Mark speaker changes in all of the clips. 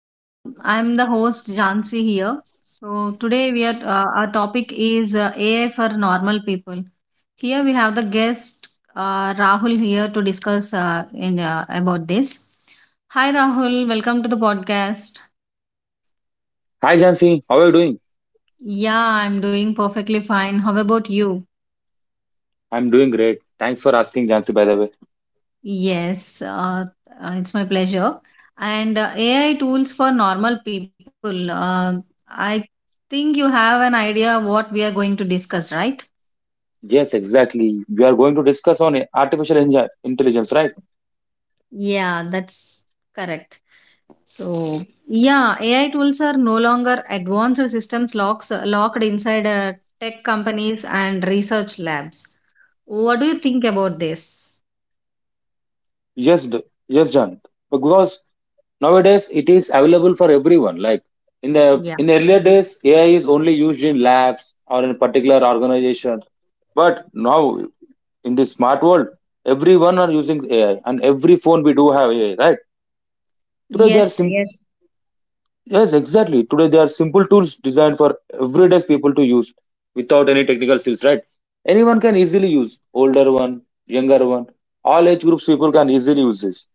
Speaker 1: Um, I'm the host Jansi here. So today we are our topic is AI for normal people. Here we have the guest Rahul here to discuss in about this. Hi, Rahul. Welcome to the podcast.
Speaker 2: Hi Jansi, how are you doing?
Speaker 1: Yeah, I'm doing perfectly fine. How about you?
Speaker 2: I'm doing great. Thanks for asking, Jansi, by the way.
Speaker 1: Yes, it's my pleasure. And AI tools for normal people. I think you have an idea what we are going to discuss, right?
Speaker 2: Yes, exactly. We are going to discuss on artificial intelligence, right?
Speaker 1: Yeah, that's correct. So, yeah, AI tools are no longer advanced systems locks locked inside tech companies and research labs. What do you think about this?
Speaker 2: Yes, Yes, Jan. Because nowadays it is available for everyone. Like in
Speaker 1: Yeah.
Speaker 2: earlier days, AI is only used in labs or in particular organizations. But now in this smart world, everyone are using AI and every phone we do have AI, right? Today they are
Speaker 1: Yes,
Speaker 2: sim-
Speaker 1: yes.
Speaker 2: Yes, exactly. Today they are simple tools designed for everyday people to use without any technical skills, right? Anyone can easily use. Older one, younger one, all age groups people can easily use this.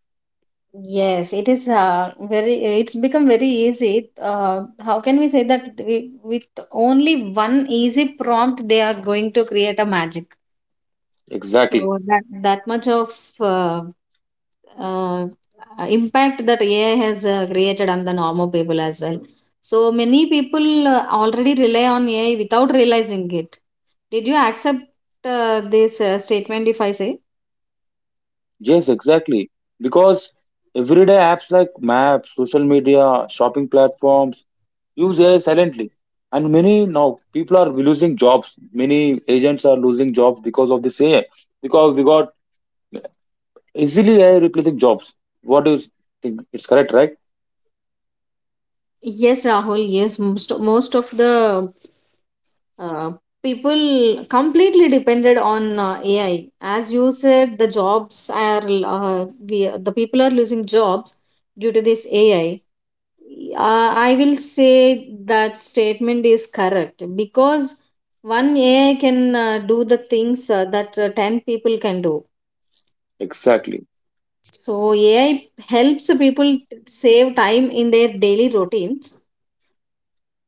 Speaker 1: Yes, it is it's become very easy. How can we say that we, with only one easy prompt, they are going to create a magic.
Speaker 2: Exactly.
Speaker 1: So that much of uh, uh, impact that AI has created on the normal people as well. So many people already rely on AI without realizing it. Did you accept this statement if I say?
Speaker 2: Yes, exactly. Because everyday apps like maps, social media, shopping platforms use AI silently. And many now people are losing jobs. Many agents are losing jobs because of this AI. Because we got easily AI replacing jobs. What do you think? It's correct, right?
Speaker 1: Yes, Rahul, yes, most of the uh, people completely depended on AI. As you said, the jobs are we the people are losing jobs due to this AI. I will say that statement is correct because one AI can do the things that ten people can do.
Speaker 2: Exactly.
Speaker 1: So AI helps people save time in their daily routine.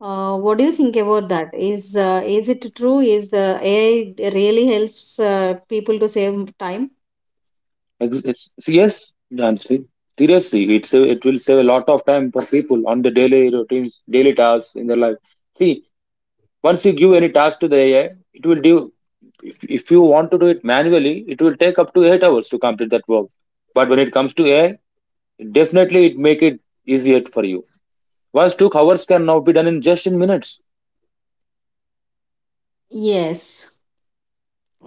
Speaker 1: What do you think about that? Is it true? Is the AI really helps people to save time?
Speaker 2: Yes, Jansi. Seriously, it will save a lot of time for people on the daily routines, daily tasks in their life. See, once you give any task to the AI, it will do. If you want to do it manually, it will take up to 8 hours to complete that work. But when it comes to AI, definitely it make it easier for you. Once took hours can now be done in just in minutes.
Speaker 1: Yes,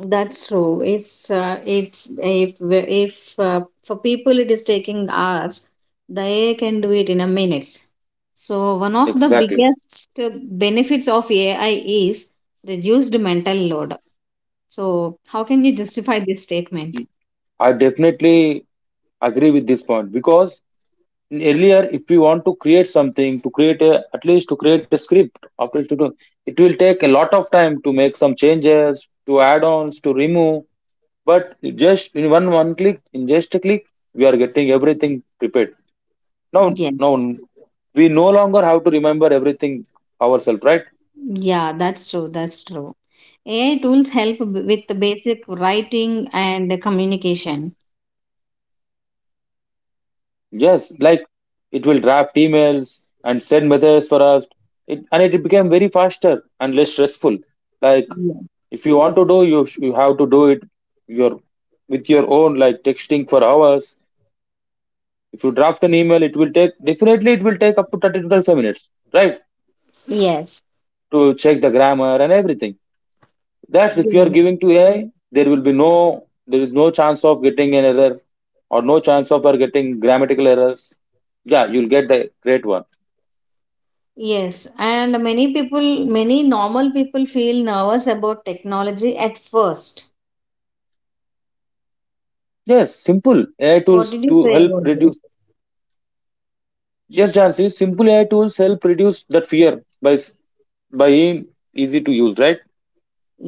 Speaker 1: that's true. It's if for people it is taking hours, the AI can do it in a minutes. So one of the
Speaker 2: Exactly.
Speaker 1: biggest benefits of AI is reduced mental load. So how can you justify this statement?
Speaker 2: I definitely agree with this point because earlier if we want to create something to create at least to create a script after to do, it will take a lot of time to make some changes to add-ons to remove. But just in one click, in just a click, we are getting everything prepared now. now
Speaker 1: Yes.
Speaker 2: we no longer have to remember everything ourselves, right?
Speaker 1: Yeah, that's true. That's true. AI tools help with the basic writing and communication.
Speaker 2: Yes, like it will draft emails and send messages for us, and it became very faster and less stressful. Like
Speaker 1: Yeah.
Speaker 2: if you want to do, you you have to do it your with your own, like texting for hours. If you draft an email, it will take definitely it will take up to 30 to 35 minutes, right?
Speaker 1: Yes.
Speaker 2: To check the grammar and everything, that's if you are
Speaker 1: Yes.
Speaker 2: giving to AI, there will be no there is no chance of getting an error or no chance of are getting grammatical errors. Yeah, you'll get the great one.
Speaker 1: Yes. And many people, many normal people feel nervous about technology at first.
Speaker 2: Yes, simple AI
Speaker 1: What
Speaker 2: tools
Speaker 1: did you
Speaker 2: to
Speaker 1: say
Speaker 2: help
Speaker 1: about
Speaker 2: reduce.
Speaker 1: this?
Speaker 2: Yes, Jansi, simple AI tools help reduce that fear by s- by being easy to use, right?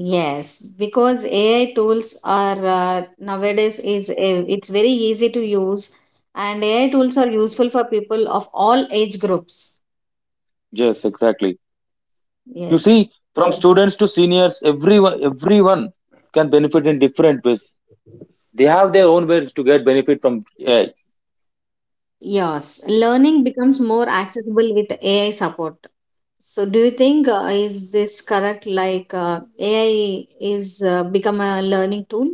Speaker 1: Yes, because AI tools are nowadays is it's very easy to use and AI tools are useful for people of all age groups.
Speaker 2: Yes, exactly. You
Speaker 1: Yes.
Speaker 2: see, from students to seniors, everyone can benefit in different ways. They have their own ways to get benefit from AI.
Speaker 1: Yes, learning becomes more accessible with AI support. So, do you think is this correct? Like AI is become a learning tool?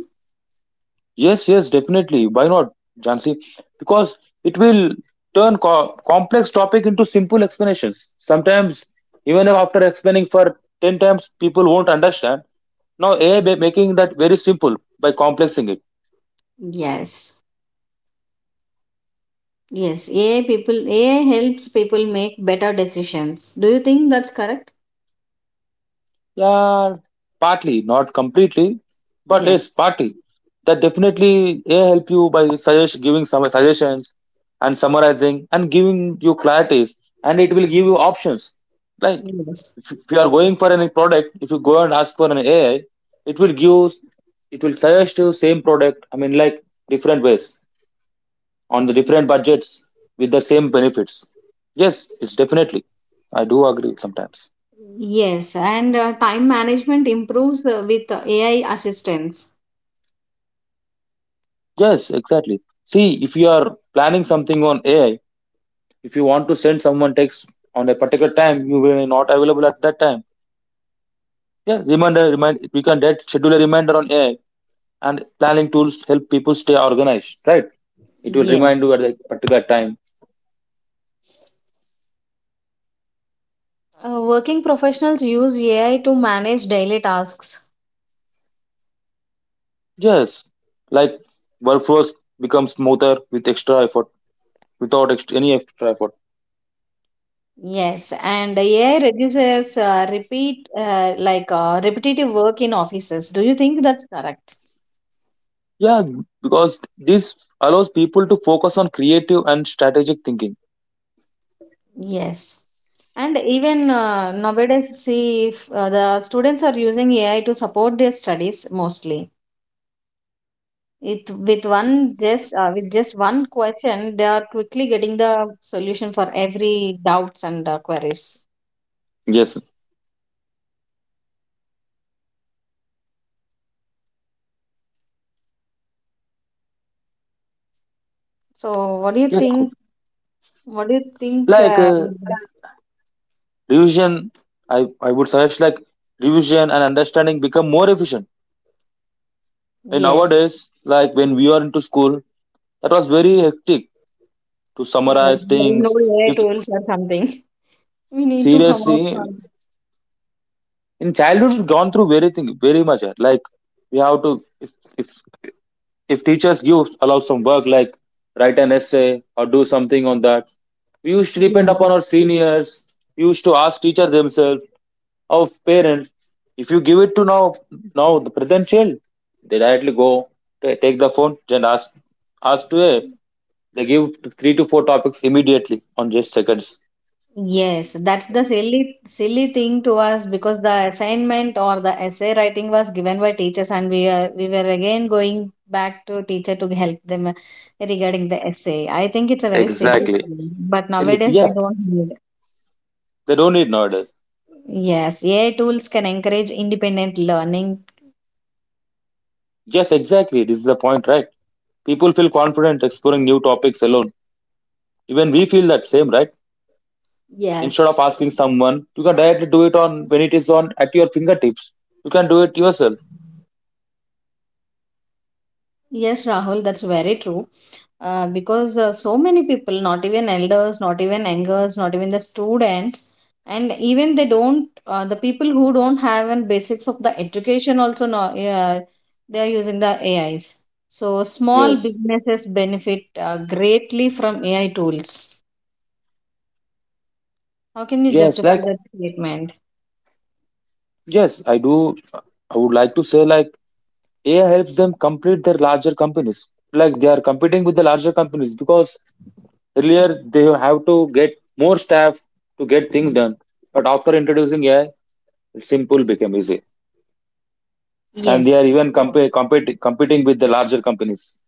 Speaker 2: Yes, yes, definitely. Why not, Jansi? Because it will turn complex topic into simple explanations. Sometimes, even after explaining for 10 times, people won't understand. Now AI making that very simple by complexing it.
Speaker 1: Yes, yes. AI helps people make better decisions. Do you think that's correct?
Speaker 2: Yeah, partly, not completely, but
Speaker 1: Yes,
Speaker 2: it's partly. That definitely a help you by giving some suggestions and summarizing and giving you clarities, and it will give you options. Like
Speaker 1: yes,
Speaker 2: if you are going for any product, if you go and ask for an AI, it will give, it will suggest you same product. I mean, like different ways on the different budgets with the same benefits. Yes, it's definitely. I do agree sometimes.
Speaker 1: yes. And time management improves with AI assistance.
Speaker 2: Yes, exactly. See, if you are planning something on AI, if you want to send someone text on a particular time, you will not available at that time. Yeah, reminder, remind we can that schedule a reminder on AI and planning tools help people stay organized, right? It will
Speaker 1: Yeah.
Speaker 2: remind you at a particular time.
Speaker 1: Working professionals use AI to manage daily tasks.
Speaker 2: Yes, like workflows become smoother with extra effort, without extra, any extra effort.
Speaker 1: Yes, and AI reduces repeat like repetitive work in offices. Do you think that's correct?
Speaker 2: Yeah, because this allows people to focus on creative and strategic thinking.
Speaker 1: Yes. And even nowadays, see if the students are using AI to support their studies mostly. It with one just with just one question, they are quickly getting the solution for every doubts and queries.
Speaker 2: Yes,
Speaker 1: So, what do you
Speaker 2: yes, cool.
Speaker 1: think? What do you think?
Speaker 2: Like revision, I would suggest like revision and understanding become more efficient. And
Speaker 1: Yes,
Speaker 2: nowadays, like when we are into school, that was very hectic to
Speaker 1: yeah,
Speaker 2: summarize
Speaker 1: there is no
Speaker 2: things.
Speaker 1: AI
Speaker 2: If
Speaker 1: tools or something. We need to have our
Speaker 2: seriously
Speaker 1: fun.
Speaker 2: in childhood we've gone through very thing very much, like we have to, if if if teachers give allow some work like write an essay or do something on that, we used to depend
Speaker 1: Yeah.
Speaker 2: upon our seniors. We used to ask teacher themselves of parents. If you give it to now, now the present child, they directly go take the phone and ask to it. They give three to four topics immediately on just seconds.
Speaker 1: Yes, that's the silly thing to us because the assignment or the essay writing was given by teachers and we were again going back to teacher to help them regarding the essay. I think it's a very silly
Speaker 2: Exactly.
Speaker 1: thing, but
Speaker 2: They look,
Speaker 1: nowadays they
Speaker 2: yeah,
Speaker 1: don't need.
Speaker 2: they don't need nowadays.
Speaker 1: Yes, AI tools can encourage independent learning.
Speaker 2: Yes, exactly. This is the point, right? People feel confident exploring new topics alone. Even we feel that same, right? Instead
Speaker 1: Yes.
Speaker 2: of asking someone, you can directly do it on when it is on at your fingertips. You can do it yourself.
Speaker 1: Yes, Rahul, that's very true. Because so many people, not even elders, not even youngers, not even the students, and even the people who don't have an basics of the education also not, they are using the AIs. So small
Speaker 2: Yes,
Speaker 1: businesses benefit greatly from AI tools. How can you
Speaker 2: yes.
Speaker 1: justify
Speaker 2: Like,
Speaker 1: that statement?
Speaker 2: yes, I do. I would like to say like AI helps them complete their larger companies. Like they are competing with the larger companies because earlier they have to get more staff to get things done. But after introducing AI, it's simple became easy, and they
Speaker 1: Yes,
Speaker 2: are even competing with the larger companies,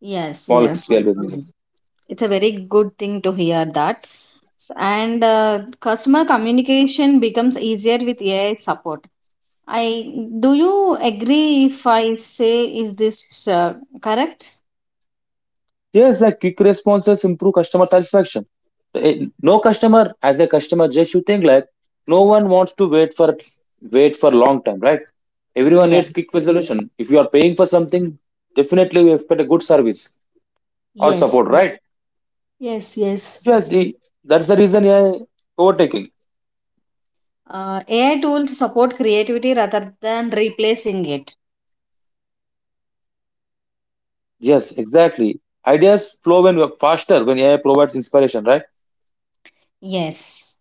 Speaker 1: yes,
Speaker 2: small
Speaker 1: yes.
Speaker 2: scale businesses.
Speaker 1: It's a very good thing to hear that. And customer communication becomes easier with AI support. I, do you agree if I say, is this uh, correct?
Speaker 2: Yes, like quick responses improve customer satisfaction. No customer, as a customer, just you think, like no one wants to wait for, long time, right? Everyone
Speaker 1: Yeah,
Speaker 2: needs quick resolution. If you are paying for something, definitely we expect a good service or
Speaker 1: yes,
Speaker 2: support, right?
Speaker 1: yes, yes.
Speaker 2: Yes, that's the reason AI overtaking.
Speaker 1: AI tools support creativity rather than replacing it.
Speaker 2: Yes, exactly. Ideas flow when we are faster when AI provides inspiration, right?
Speaker 1: Yes,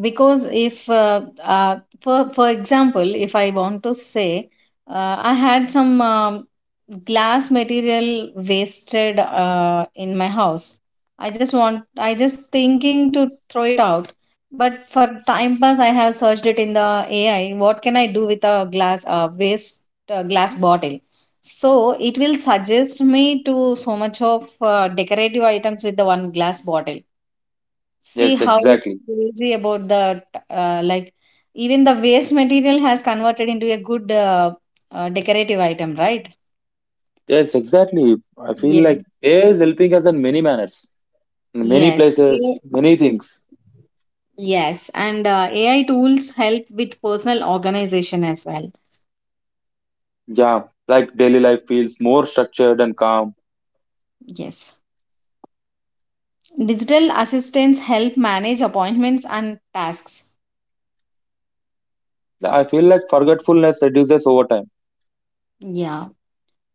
Speaker 1: because if for for example, if I want to say, I had some glass material wasted in my house. I just thinking to throw it out. But for time pass, I have searched it in the AI. What can I do with a glass bottle? So it will suggest me to so much of decorative items with the one glass bottle. See
Speaker 2: Yes,
Speaker 1: how
Speaker 2: exactly.
Speaker 1: crazy about that. Uh, like, even the waste material has converted into a good decorative item, right?
Speaker 2: Yes, exactly. I feel
Speaker 1: Yes.
Speaker 2: like AI is helping us in many manners, in many
Speaker 1: Yes.
Speaker 2: places,
Speaker 1: A-
Speaker 2: many things.
Speaker 1: Yes. And AI tools help with personal organization as well.
Speaker 2: Yeah, like daily life feels more structured and calm.
Speaker 1: Yes. Digital assistants help manage appointments and tasks.
Speaker 2: Yeah, I feel like forgetfulness reduces over time.
Speaker 1: Yeah.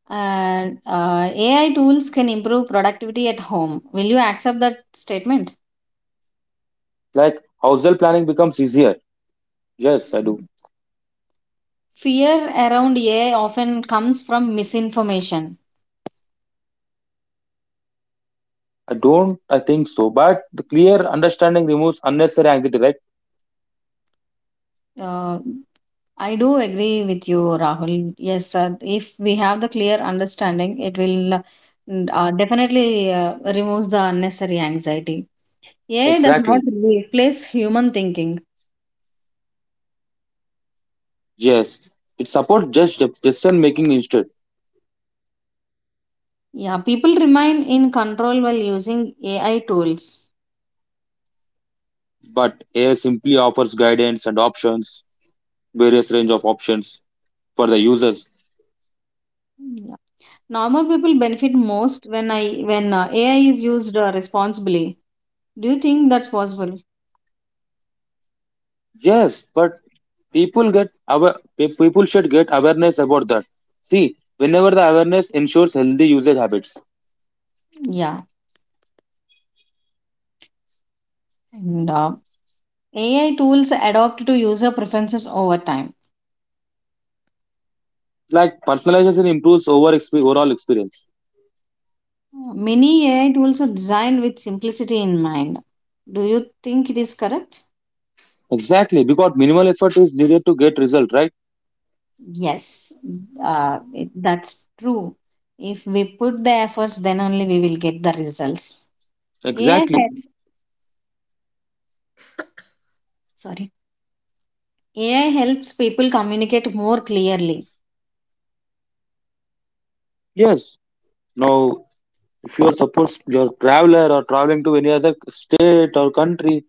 Speaker 1: And AI tools can improve productivity at home. Will you accept that statement?
Speaker 2: Like household planning becomes easier. Yes, I do.
Speaker 1: Fear around AI often comes from misinformation.
Speaker 2: I don't, I think so. But the clear understanding removes unnecessary anxiety, right?
Speaker 1: Uh, I do agree with you, Rahul. Yes, if we have the clear understanding, it will definitely removes the unnecessary anxiety. AI does not
Speaker 2: Exactly.
Speaker 1: replace human thinking.
Speaker 2: Yes. It supports just decision making instead.
Speaker 1: Yeah, people remain in control while using AI tools.
Speaker 2: But AI simply offers guidance and options, various range of options for the users.
Speaker 1: Yeah. Normal people benefit most when AI is used responsibly. Do you think that's possible?
Speaker 2: Yes, but people get aware, people should get awareness about that. See, whenever the awareness ensures healthy usage habits,
Speaker 1: Yeah, and AI tools adapt to user preferences over time.
Speaker 2: like personalization improves over overall experience.
Speaker 1: Many AI tools are designed with simplicity in mind. Do you think it is correct?
Speaker 2: Exactly, because minimal effort is needed to get result, right?
Speaker 1: Yes, that's true. If we put the efforts, then only we will get the results. AI
Speaker 2: Exactly.
Speaker 1: help, sorry, AI helps people communicate more clearly.
Speaker 2: Yes. Now, if you are suppose you're traveler or traveling to any other state or country,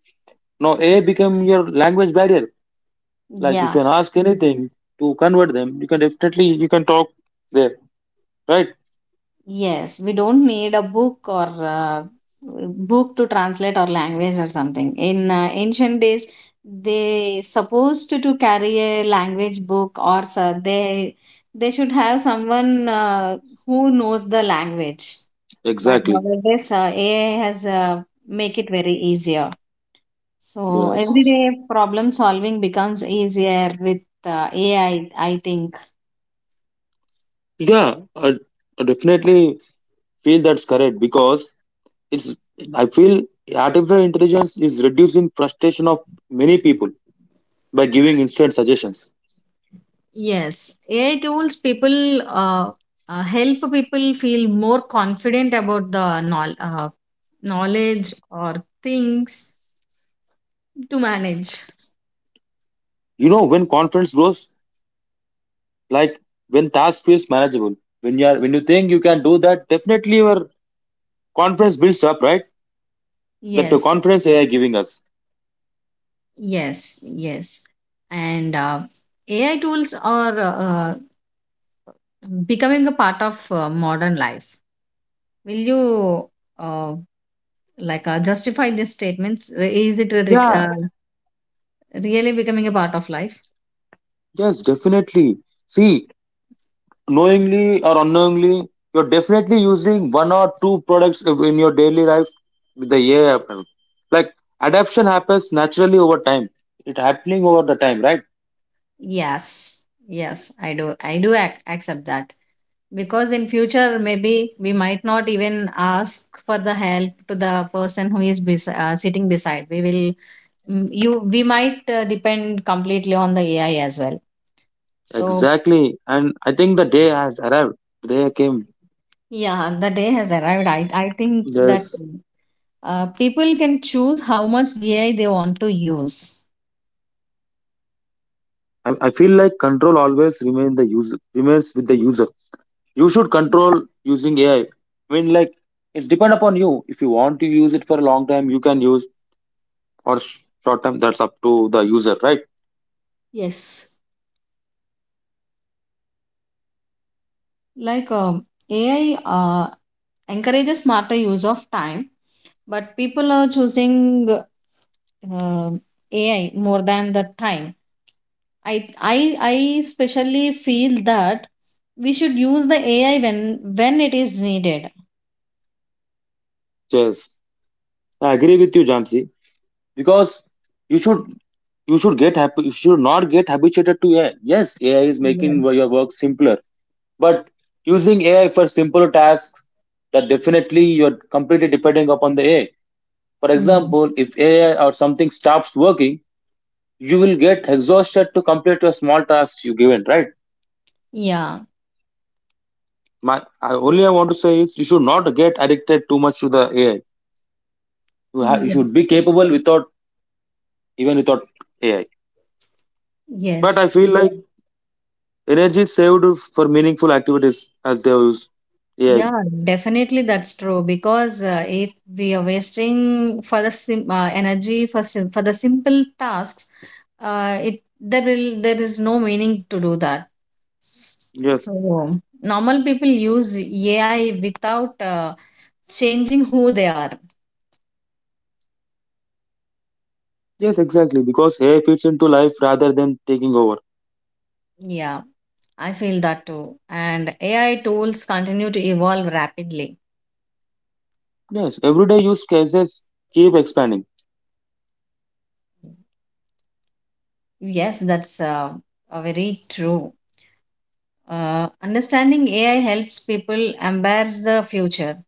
Speaker 2: now A become your language barrier. Like if you
Speaker 1: Yeah.
Speaker 2: can ask anything to convert them, you can definitely you can talk there, right?
Speaker 1: Yes, we don't need a book to translate our language or something. In ancient days, they supposed to carry a language book or so they should have someone who knows the language. But
Speaker 2: Exactly.
Speaker 1: nowadays, AI has make it very easier. So
Speaker 2: Yes.
Speaker 1: everyday problem solving becomes easier with AI, I think.
Speaker 2: Yeah, I definitely feel that's correct because it's. I feel artificial intelligence is reducing frustration of many people by giving instant suggestions.
Speaker 1: Yes, AI tools people uh, uh, help people feel more confident about the knowledge or things to manage.
Speaker 2: You know, when confidence grows, like when task feels manageable, when you think you can do that, definitely your confidence builds up, right? That's the
Speaker 1: Yes,
Speaker 2: confidence AI giving us.
Speaker 1: yes, yes. And AI tools are becoming a part of modern life. Will you uh, justify these statements? Is it re-
Speaker 2: Yeah,
Speaker 1: uh, really becoming a part of life?
Speaker 2: yes, definitely. See, knowingly or unknowingly, you're definitely using one or two products in your daily life with the AI. Happen. Like adaption happens naturally over time. It happening over the time, right?
Speaker 1: Yes, yes, I do. I accept that because in future maybe we might not even ask for the help to the person who is sitting beside. We will mm, you we might depend completely on the AI as well. So
Speaker 2: Exactly. And I think the day has arrived. The day came.
Speaker 1: yeah, the day has arrived. I think that
Speaker 2: Yes.
Speaker 1: people can choose how much AI they want to use.
Speaker 2: I feel like control always remains with the user. You should control using AI. I mean, like it depend upon you. If you want to use it for a long time, you can use, or short time, that's up to the user, right?
Speaker 1: Yes, like AI encourages smarter use of time, but people are choosing uh, AI more than the time. I i i especially feel that we should use the AI when it is needed.
Speaker 2: Yes, I agree with you, Jansi, because you should you should get happy. You should not get habituated to AI. Yes, AI is making
Speaker 1: Yes.
Speaker 2: your work simpler, but using AI for simpler tasks, that definitely you're completely depending upon the AI. For example, if AI or something stops working, you will get exhausted to complete your small tasks you given, right?
Speaker 1: Yeah.
Speaker 2: My only I want to say is you should not get addicted too much to the AI. You, you
Speaker 1: Yeah.
Speaker 2: should be capable without, even without AI. But I
Speaker 1: Yes.
Speaker 2: feel like energy saved for meaningful activities as they use. Yeah,
Speaker 1: Yeah, definitely that's true because if we are wasting for the energy for for the simple tasks, it there will there is no meaning to do that.
Speaker 2: yes,
Speaker 1: So normal people use AI without changing who they are.
Speaker 2: yes, exactly. Because AI fits into life rather than taking over.
Speaker 1: Yeah, I feel that too. And AI tools continue to evolve rapidly.
Speaker 2: Yes, everyday use cases keep expanding.
Speaker 1: Yes, that's a very true. Understanding AI helps people embrace the future.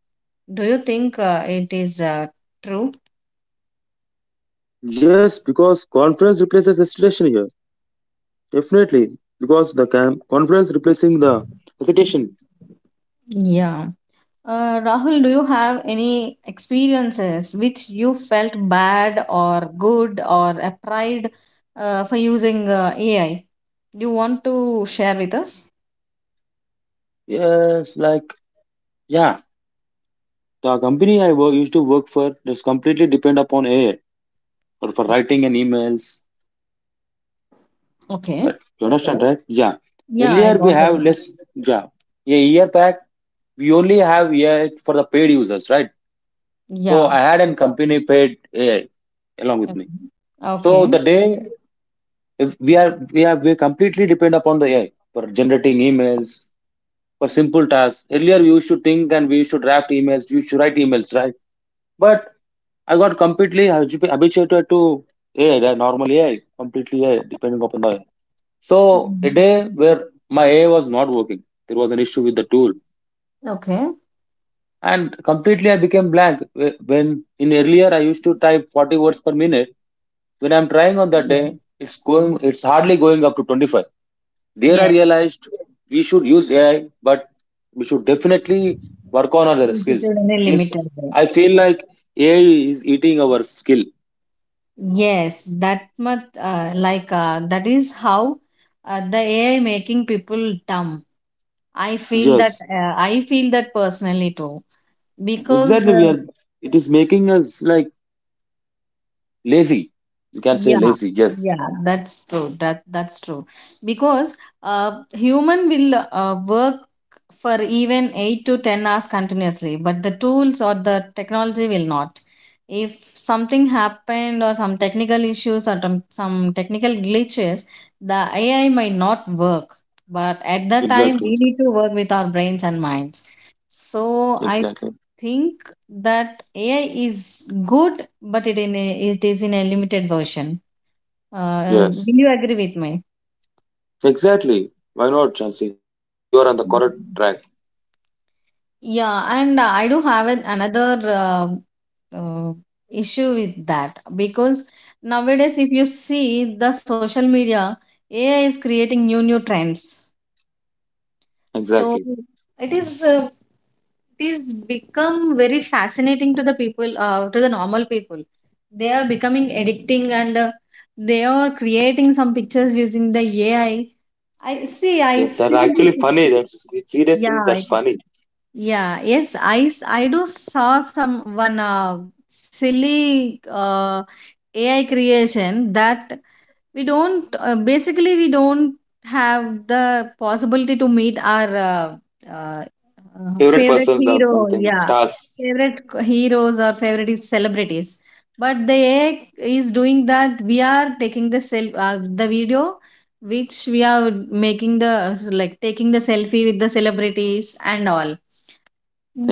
Speaker 1: Do you think it is true?
Speaker 2: Just because conference replaces hesitation here. Definitely. Because the conference replacing the hesitation.
Speaker 1: Yeah. Rahul, do you have any experiences which you felt bad or good or a pride for using AI? Do you want to share with us?
Speaker 2: Yes, like, yeah. The company I used to work for just completely depend upon AI for writing and emails.
Speaker 1: Okay.
Speaker 2: But you understand, right? Yeah.
Speaker 1: Yeah, I
Speaker 2: Earlier we
Speaker 1: got it.
Speaker 2: have less, yeah. A year back, we only have AI for the paid users, right? So I
Speaker 1: Yeah.
Speaker 2: had an, yeah, company paid AI along with me.
Speaker 1: Mhm.
Speaker 2: So
Speaker 1: Okay.
Speaker 2: the day if we completely depend upon the AI for generating emails for simple tasks. Earlier we used to think and we used to draft emails, we used to write emails, right? But I got completely habituated to AI, the normal AI, completely AI, depending upon the AI. So a
Speaker 1: Mhm.
Speaker 2: day where my AI was not working, there was an issue with the tool
Speaker 1: Okay.
Speaker 2: and completely I became blank. When in earlier I used to type 40 words per minute, when I'm trying on that day
Speaker 1: Yes.
Speaker 2: it's hardly going up to 25. There I
Speaker 1: Yes.
Speaker 2: realized we should use AI, but we should definitely work on other
Speaker 1: Limited
Speaker 2: skills
Speaker 1: in a
Speaker 2: it's
Speaker 1: limited way.
Speaker 2: I feel like AI is eating our skill.
Speaker 1: Yes, that much that is how the AI making people dumb.
Speaker 2: Yes,
Speaker 1: I feel that personally too because
Speaker 2: exactly, we
Speaker 1: uh.
Speaker 2: are, it is making us like lazy, you can say
Speaker 1: Yeah,
Speaker 2: lazy. Yes,
Speaker 1: yeah, that's true. That that's true. Because human will work for even 8 to 10 hours continuously, but the tools or the technology will not. If something happened or some technical issues or some technical glitches, the AI might not work. But at that time,
Speaker 2: exactly,
Speaker 1: we need to work with our brains and minds. So I
Speaker 2: exactly,
Speaker 1: think that AI is good, but it is in a limited version. Will
Speaker 2: yes.
Speaker 1: you agree with me?
Speaker 2: Exactly. Why not, Chansey? You are on the correct track.
Speaker 1: Yeah, and I do have another uh, issue with that because nowadays, if you see the social media, AI is creating new trends. So
Speaker 2: Exactly.
Speaker 1: it is uh, it is become very fascinating to the people, to the normal people. They are becoming addicting and they are creating some pictures using the AI. I
Speaker 2: Yes, that's
Speaker 1: see this.
Speaker 2: actually funny. That's seriously,
Speaker 1: Yeah,
Speaker 2: that's
Speaker 1: it
Speaker 2: funny.
Speaker 1: yeah, yes, I, s- I do saw some one silly AI creation that we don't basically we don't have the possibility to meet our uh,
Speaker 2: Favorite
Speaker 1: favorite
Speaker 2: persons or
Speaker 1: hero.
Speaker 2: something,
Speaker 1: Yeah,
Speaker 2: stars.
Speaker 1: heroes or favorite is celebrities. But the AI is doing that. We are taking the self the video which we are making, the like taking the selfie with the celebrities and all.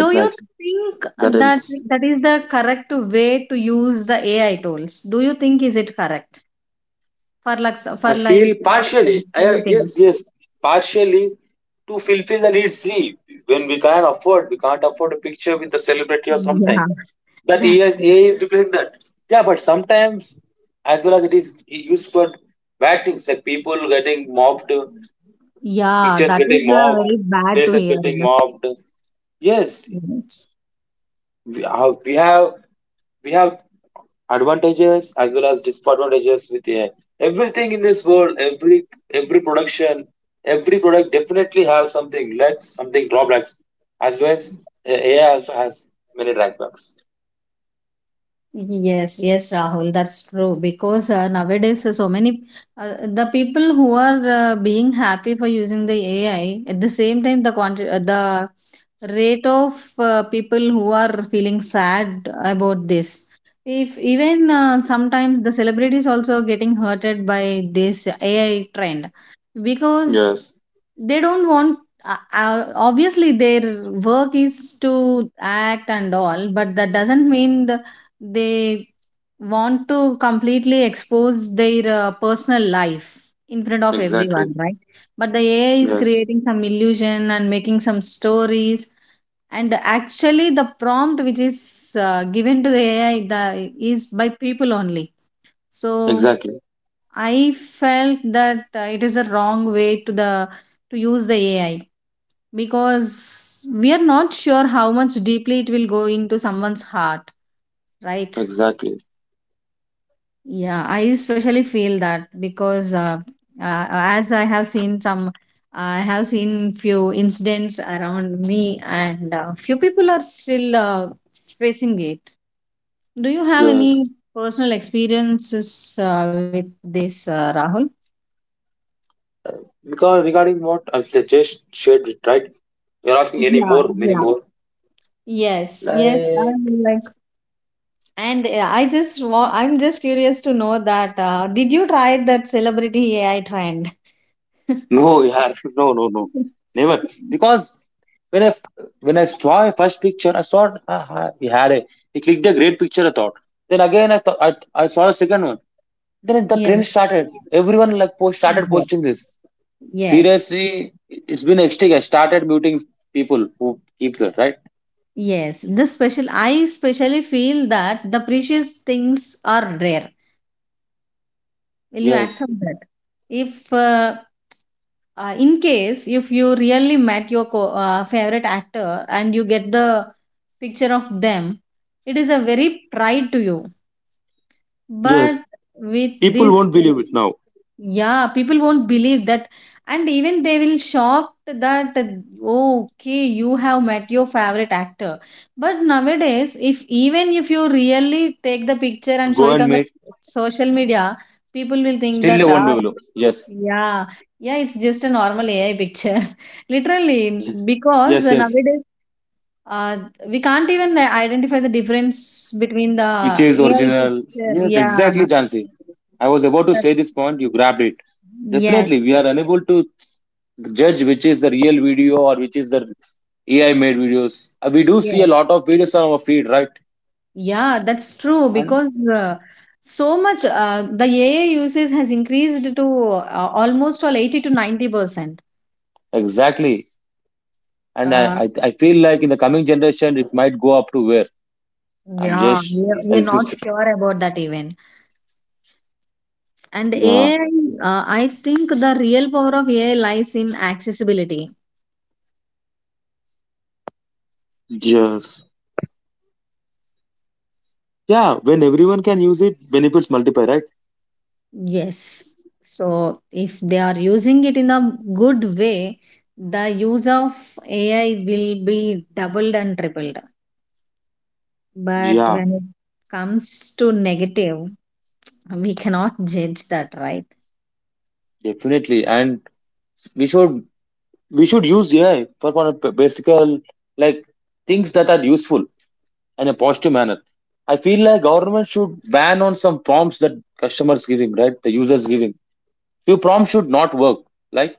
Speaker 1: Do you think
Speaker 2: That
Speaker 1: that
Speaker 2: helps.
Speaker 1: that is the correct way to use the AI tools? Do you think is it correct for like,
Speaker 2: I feel
Speaker 1: such silly things?
Speaker 2: yes, yes, partially, to fulfill the need. See, when we can't afford a picture with a celebrity or something.
Speaker 1: Yeah,
Speaker 2: That AI
Speaker 1: that's true.
Speaker 2: is replacing that. Yeah, but sometimes, as well as it is used for bad things, like people getting mobbed,
Speaker 1: Yeah,
Speaker 2: pictures
Speaker 1: that is
Speaker 2: getting mobbed,
Speaker 1: very bad to
Speaker 2: places
Speaker 1: hear
Speaker 2: getting
Speaker 1: in
Speaker 2: mobbed. Yes,
Speaker 1: the—
Speaker 2: we have we have advantages as well as disadvantages with AI. Everything in this world, every production, every product definitely have something less, something drawbacks, as well as AI also has many drawbacks.
Speaker 1: Yes, yes, Rahul, that's true. Because nowadays, so many the people who are being happy for using the AI, at the same time, the rate of people who are feeling sad about this. If even sometimes the celebrities also getting hurted by this AI trend, because
Speaker 2: Yes,
Speaker 1: they don't want, obviously their work is to act and all, but that doesn't mean they want to completely expose their personal life in front of
Speaker 2: exactly.
Speaker 1: everyone, right? But the AI is
Speaker 2: Yes,
Speaker 1: creating some illusion and making some stories, and actually the prompt which is given to the AI, is by people only. So
Speaker 2: exactly.
Speaker 1: I felt that it is a wrong way to use the AI, because we are not sure how much deeply it will go into someone's heart, right?
Speaker 2: Exactly.
Speaker 1: Yeah, I especially feel that because, uh, as I have seen few incidents around me, and few people are still facing it. Do you have any
Speaker 2: Yes.
Speaker 1: personal experiences with this, Rahul?
Speaker 2: Because regarding what I said, just shared it, right? You're asking any
Speaker 1: Yeah.
Speaker 2: more, many
Speaker 1: Yeah.
Speaker 2: more.
Speaker 1: Yes, yes,
Speaker 2: Like.
Speaker 1: I'm like, and I'm just curious to know that, did you try that celebrity AI trend?
Speaker 2: No, yeah, no, no, no, never. Because when I when I saw a first picture, I saw he had a, he clicked a great picture, I thought. Then again, I thought I saw a second one. Then the
Speaker 1: Yeah.
Speaker 2: trend started. Everyone like post started
Speaker 1: Yeah.
Speaker 2: posting this.
Speaker 1: Yes.
Speaker 2: Seriously, it's been hectic. I started muting people who keep that, right.
Speaker 1: Yes. I especially feel that the precious things are rare. Will you
Speaker 2: Yes,
Speaker 1: accept that? If, In case, if you really met your favorite actor and you get the picture of them, it is a very pride to you.
Speaker 2: yes.
Speaker 1: But with
Speaker 2: People
Speaker 1: this,
Speaker 2: won't believe it now.
Speaker 1: yeah, people won't believe that, and even they will shocked that, "Oh, okay, you have met your favorite actor." But nowadays, if even if you really take the picture and show
Speaker 2: Go
Speaker 1: it
Speaker 2: and
Speaker 1: on the
Speaker 2: meet.
Speaker 1: social media, people will think
Speaker 2: Still, they
Speaker 1: that,
Speaker 2: won't
Speaker 1: ah,
Speaker 2: believe. Yes,
Speaker 1: yeah, yeah, it's just a normal AI picture, literally, because
Speaker 2: yes, yes,
Speaker 1: nowadays. Uh, we can't even identify the difference between the
Speaker 2: which is
Speaker 1: AI
Speaker 2: original.
Speaker 1: picture.
Speaker 2: Yes,
Speaker 1: Yeah,
Speaker 2: exactly, Jansi. I was about to
Speaker 1: that-
Speaker 2: say this point, you grabbed it.
Speaker 1: yes,
Speaker 2: Definitely, we are unable to judge which is the real video or which is the AI made videos. We do see a
Speaker 1: yes.
Speaker 2: lot of videos on our feed, right?
Speaker 1: Yeah, that's true
Speaker 2: And
Speaker 1: because, so much, the AI usage has increased to almost all 80 to 90%.
Speaker 2: exactly. And
Speaker 1: Uh,
Speaker 2: I feel like in the coming generation, it might go up to where I'm
Speaker 1: yeah,
Speaker 2: just
Speaker 1: we're not
Speaker 2: existed.
Speaker 1: sure about that even. And
Speaker 2: Yeah.
Speaker 1: AI, I think the real power of AI lies in accessibility.
Speaker 2: Yes. Yeah. When everyone can use it, benefits multiply, right?
Speaker 1: Yes. So if they are using it in a good way, the use of AI will be doubled and tripled. But
Speaker 2: Yeah,
Speaker 1: when it comes to negative, we cannot judge that, right?
Speaker 2: definitely. And we should. We should use AI for one of the basic like things that are useful in a positive manner. I feel like government should ban on some prompts that customers giving, right? The users giving. Few prompts should not work. Like,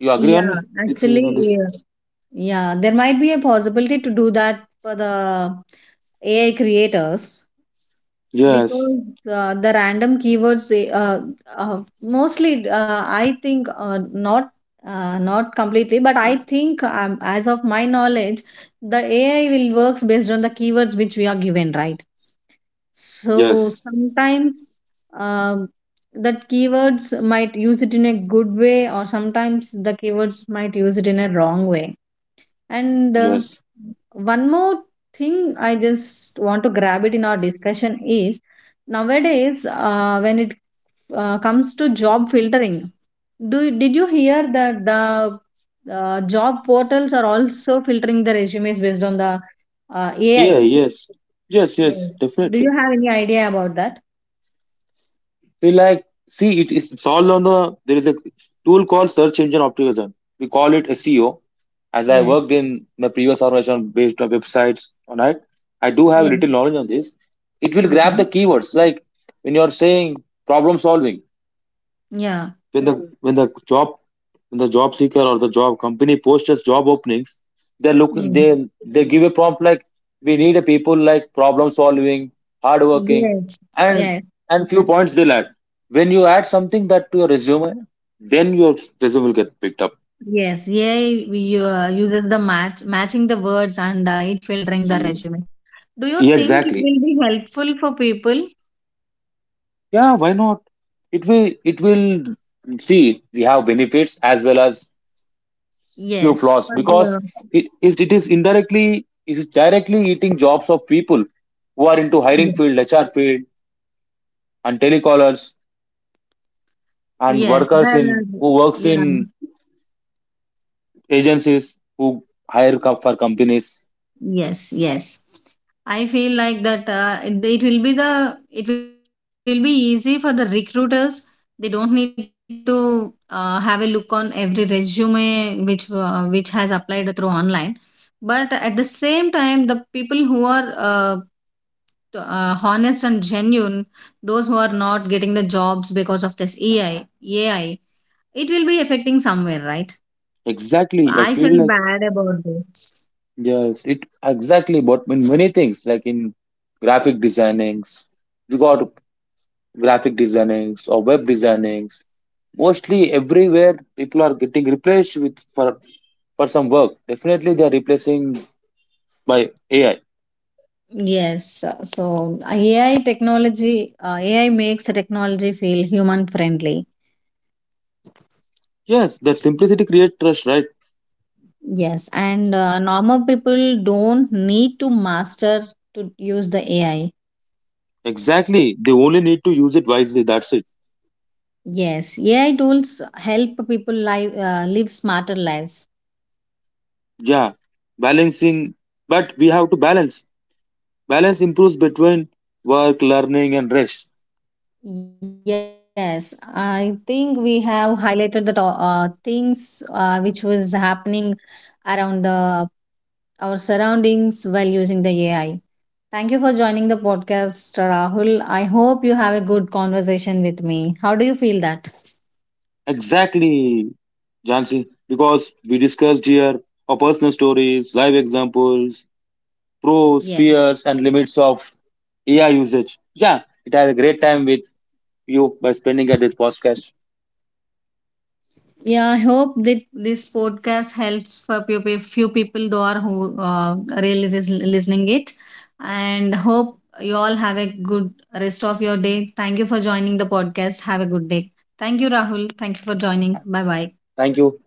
Speaker 2: you agree on
Speaker 1: Yeah,
Speaker 2: me, with me on
Speaker 1: actually,
Speaker 2: this?
Speaker 1: yeah. Yeah, there might be a possibility to do that for the AI creators,
Speaker 2: Yes,
Speaker 1: because the random keywords mostly, I think, not, not completely, but I think, as of my knowledge, the AI will works based on the keywords which we are given, right? So
Speaker 2: yes,
Speaker 1: sometimes um that keywords might use it in a good way, or sometimes the keywords might use it in a wrong way. And
Speaker 2: yes.
Speaker 1: one more thing I just want to grab it in our discussion is, nowadays, when it comes to job filtering, did you hear that the job portals are also filtering the resumes based on the
Speaker 2: Yeah,
Speaker 1: AI?
Speaker 2: yes, yes,
Speaker 1: Yes.
Speaker 2: yes.
Speaker 1: Do you
Speaker 2: Definitely.
Speaker 1: have any idea about that?
Speaker 2: We like, see, it's all on the, there is a tool called search engine optimization, we call it SEO. As I
Speaker 1: Yes.
Speaker 2: worked in my previous organization based on websites, all right. I do have
Speaker 1: Yeah.
Speaker 2: little knowledge on this. It will grab the
Speaker 1: Okay.
Speaker 2: keywords like when you are saying problem solving,
Speaker 1: Yeah.
Speaker 2: when the when the job when the job seeker or the job company posts its job openings, they're looking
Speaker 1: Yeah.
Speaker 2: they they give a prompt like we need a people like problem solving, hardworking,
Speaker 1: Yes.
Speaker 2: and
Speaker 1: Yes.
Speaker 2: and few
Speaker 1: That's
Speaker 2: points they'll add. When you add something that to your resume, then your resume will get picked up.
Speaker 1: yes. Yeah. We, uses the matching the words, and it filtering the
Speaker 2: Ye-
Speaker 1: resume. Do you
Speaker 2: yeah,
Speaker 1: think it
Speaker 2: exactly,
Speaker 1: will be helpful for people?
Speaker 2: yeah, why not. It will see, we have benefits as well as few
Speaker 1: Yes.
Speaker 2: flaws,
Speaker 1: For the,
Speaker 2: because it is directly eating jobs of people who are into
Speaker 1: yeah.
Speaker 2: hiring field, HR field, and telecallers, and
Speaker 1: Yes.
Speaker 2: workers in
Speaker 1: The,
Speaker 2: who works
Speaker 1: yeah.
Speaker 2: in agencies who hire for companies.
Speaker 1: Yes, yes. I feel like that it will be easy for the recruiters. They don't need to have a look on every resume which has applied through online. But at the same time, the people who are, honest and genuine, those who are not getting the jobs because of this AI, it will be affecting somewhere, right? I
Speaker 2: Exactly, I
Speaker 1: feel
Speaker 2: feel
Speaker 1: bad
Speaker 2: like.
Speaker 1: about this.
Speaker 2: Yes, it. Exactly, but in many things like in graphic designings, you got graphic designings or web designings, mostly everywhere people are getting replaced with, for some work, definitely they are replacing by AI.
Speaker 1: Yes, so AI technology, AI makes the technology feel human friendly.
Speaker 2: Yes, that simplicity creates trust, right.
Speaker 1: Yes, and normal people don't need to master to use the AI.
Speaker 2: Exactly, they only need to use it wisely, that's it.
Speaker 1: Yes, AI tools help people live smarter lives.
Speaker 2: Yeah, balancing. But we have to balance, improves between work, learning and rest.
Speaker 1: Yes, I think we have highlighted the things which was happening around the our surroundings while using the AI. Thank you for joining the podcast, Rahul. I hope you have a good conversation with me. How do you feel that?
Speaker 2: Exactly, Jansi. Because we discussed here our personal stories, live examples, pros,
Speaker 1: Yeah.
Speaker 2: fears, and limits of AI usage. Yeah, it had a great time with you by spending at this podcast.
Speaker 1: Yeah, I hope that this podcast helps for few people though are who really listening it, and hope you all have a good rest of your day. Thank you for joining the podcast. Have a good day. Thank you, Rahul. Thank you for joining. Bye bye.
Speaker 2: Thank you.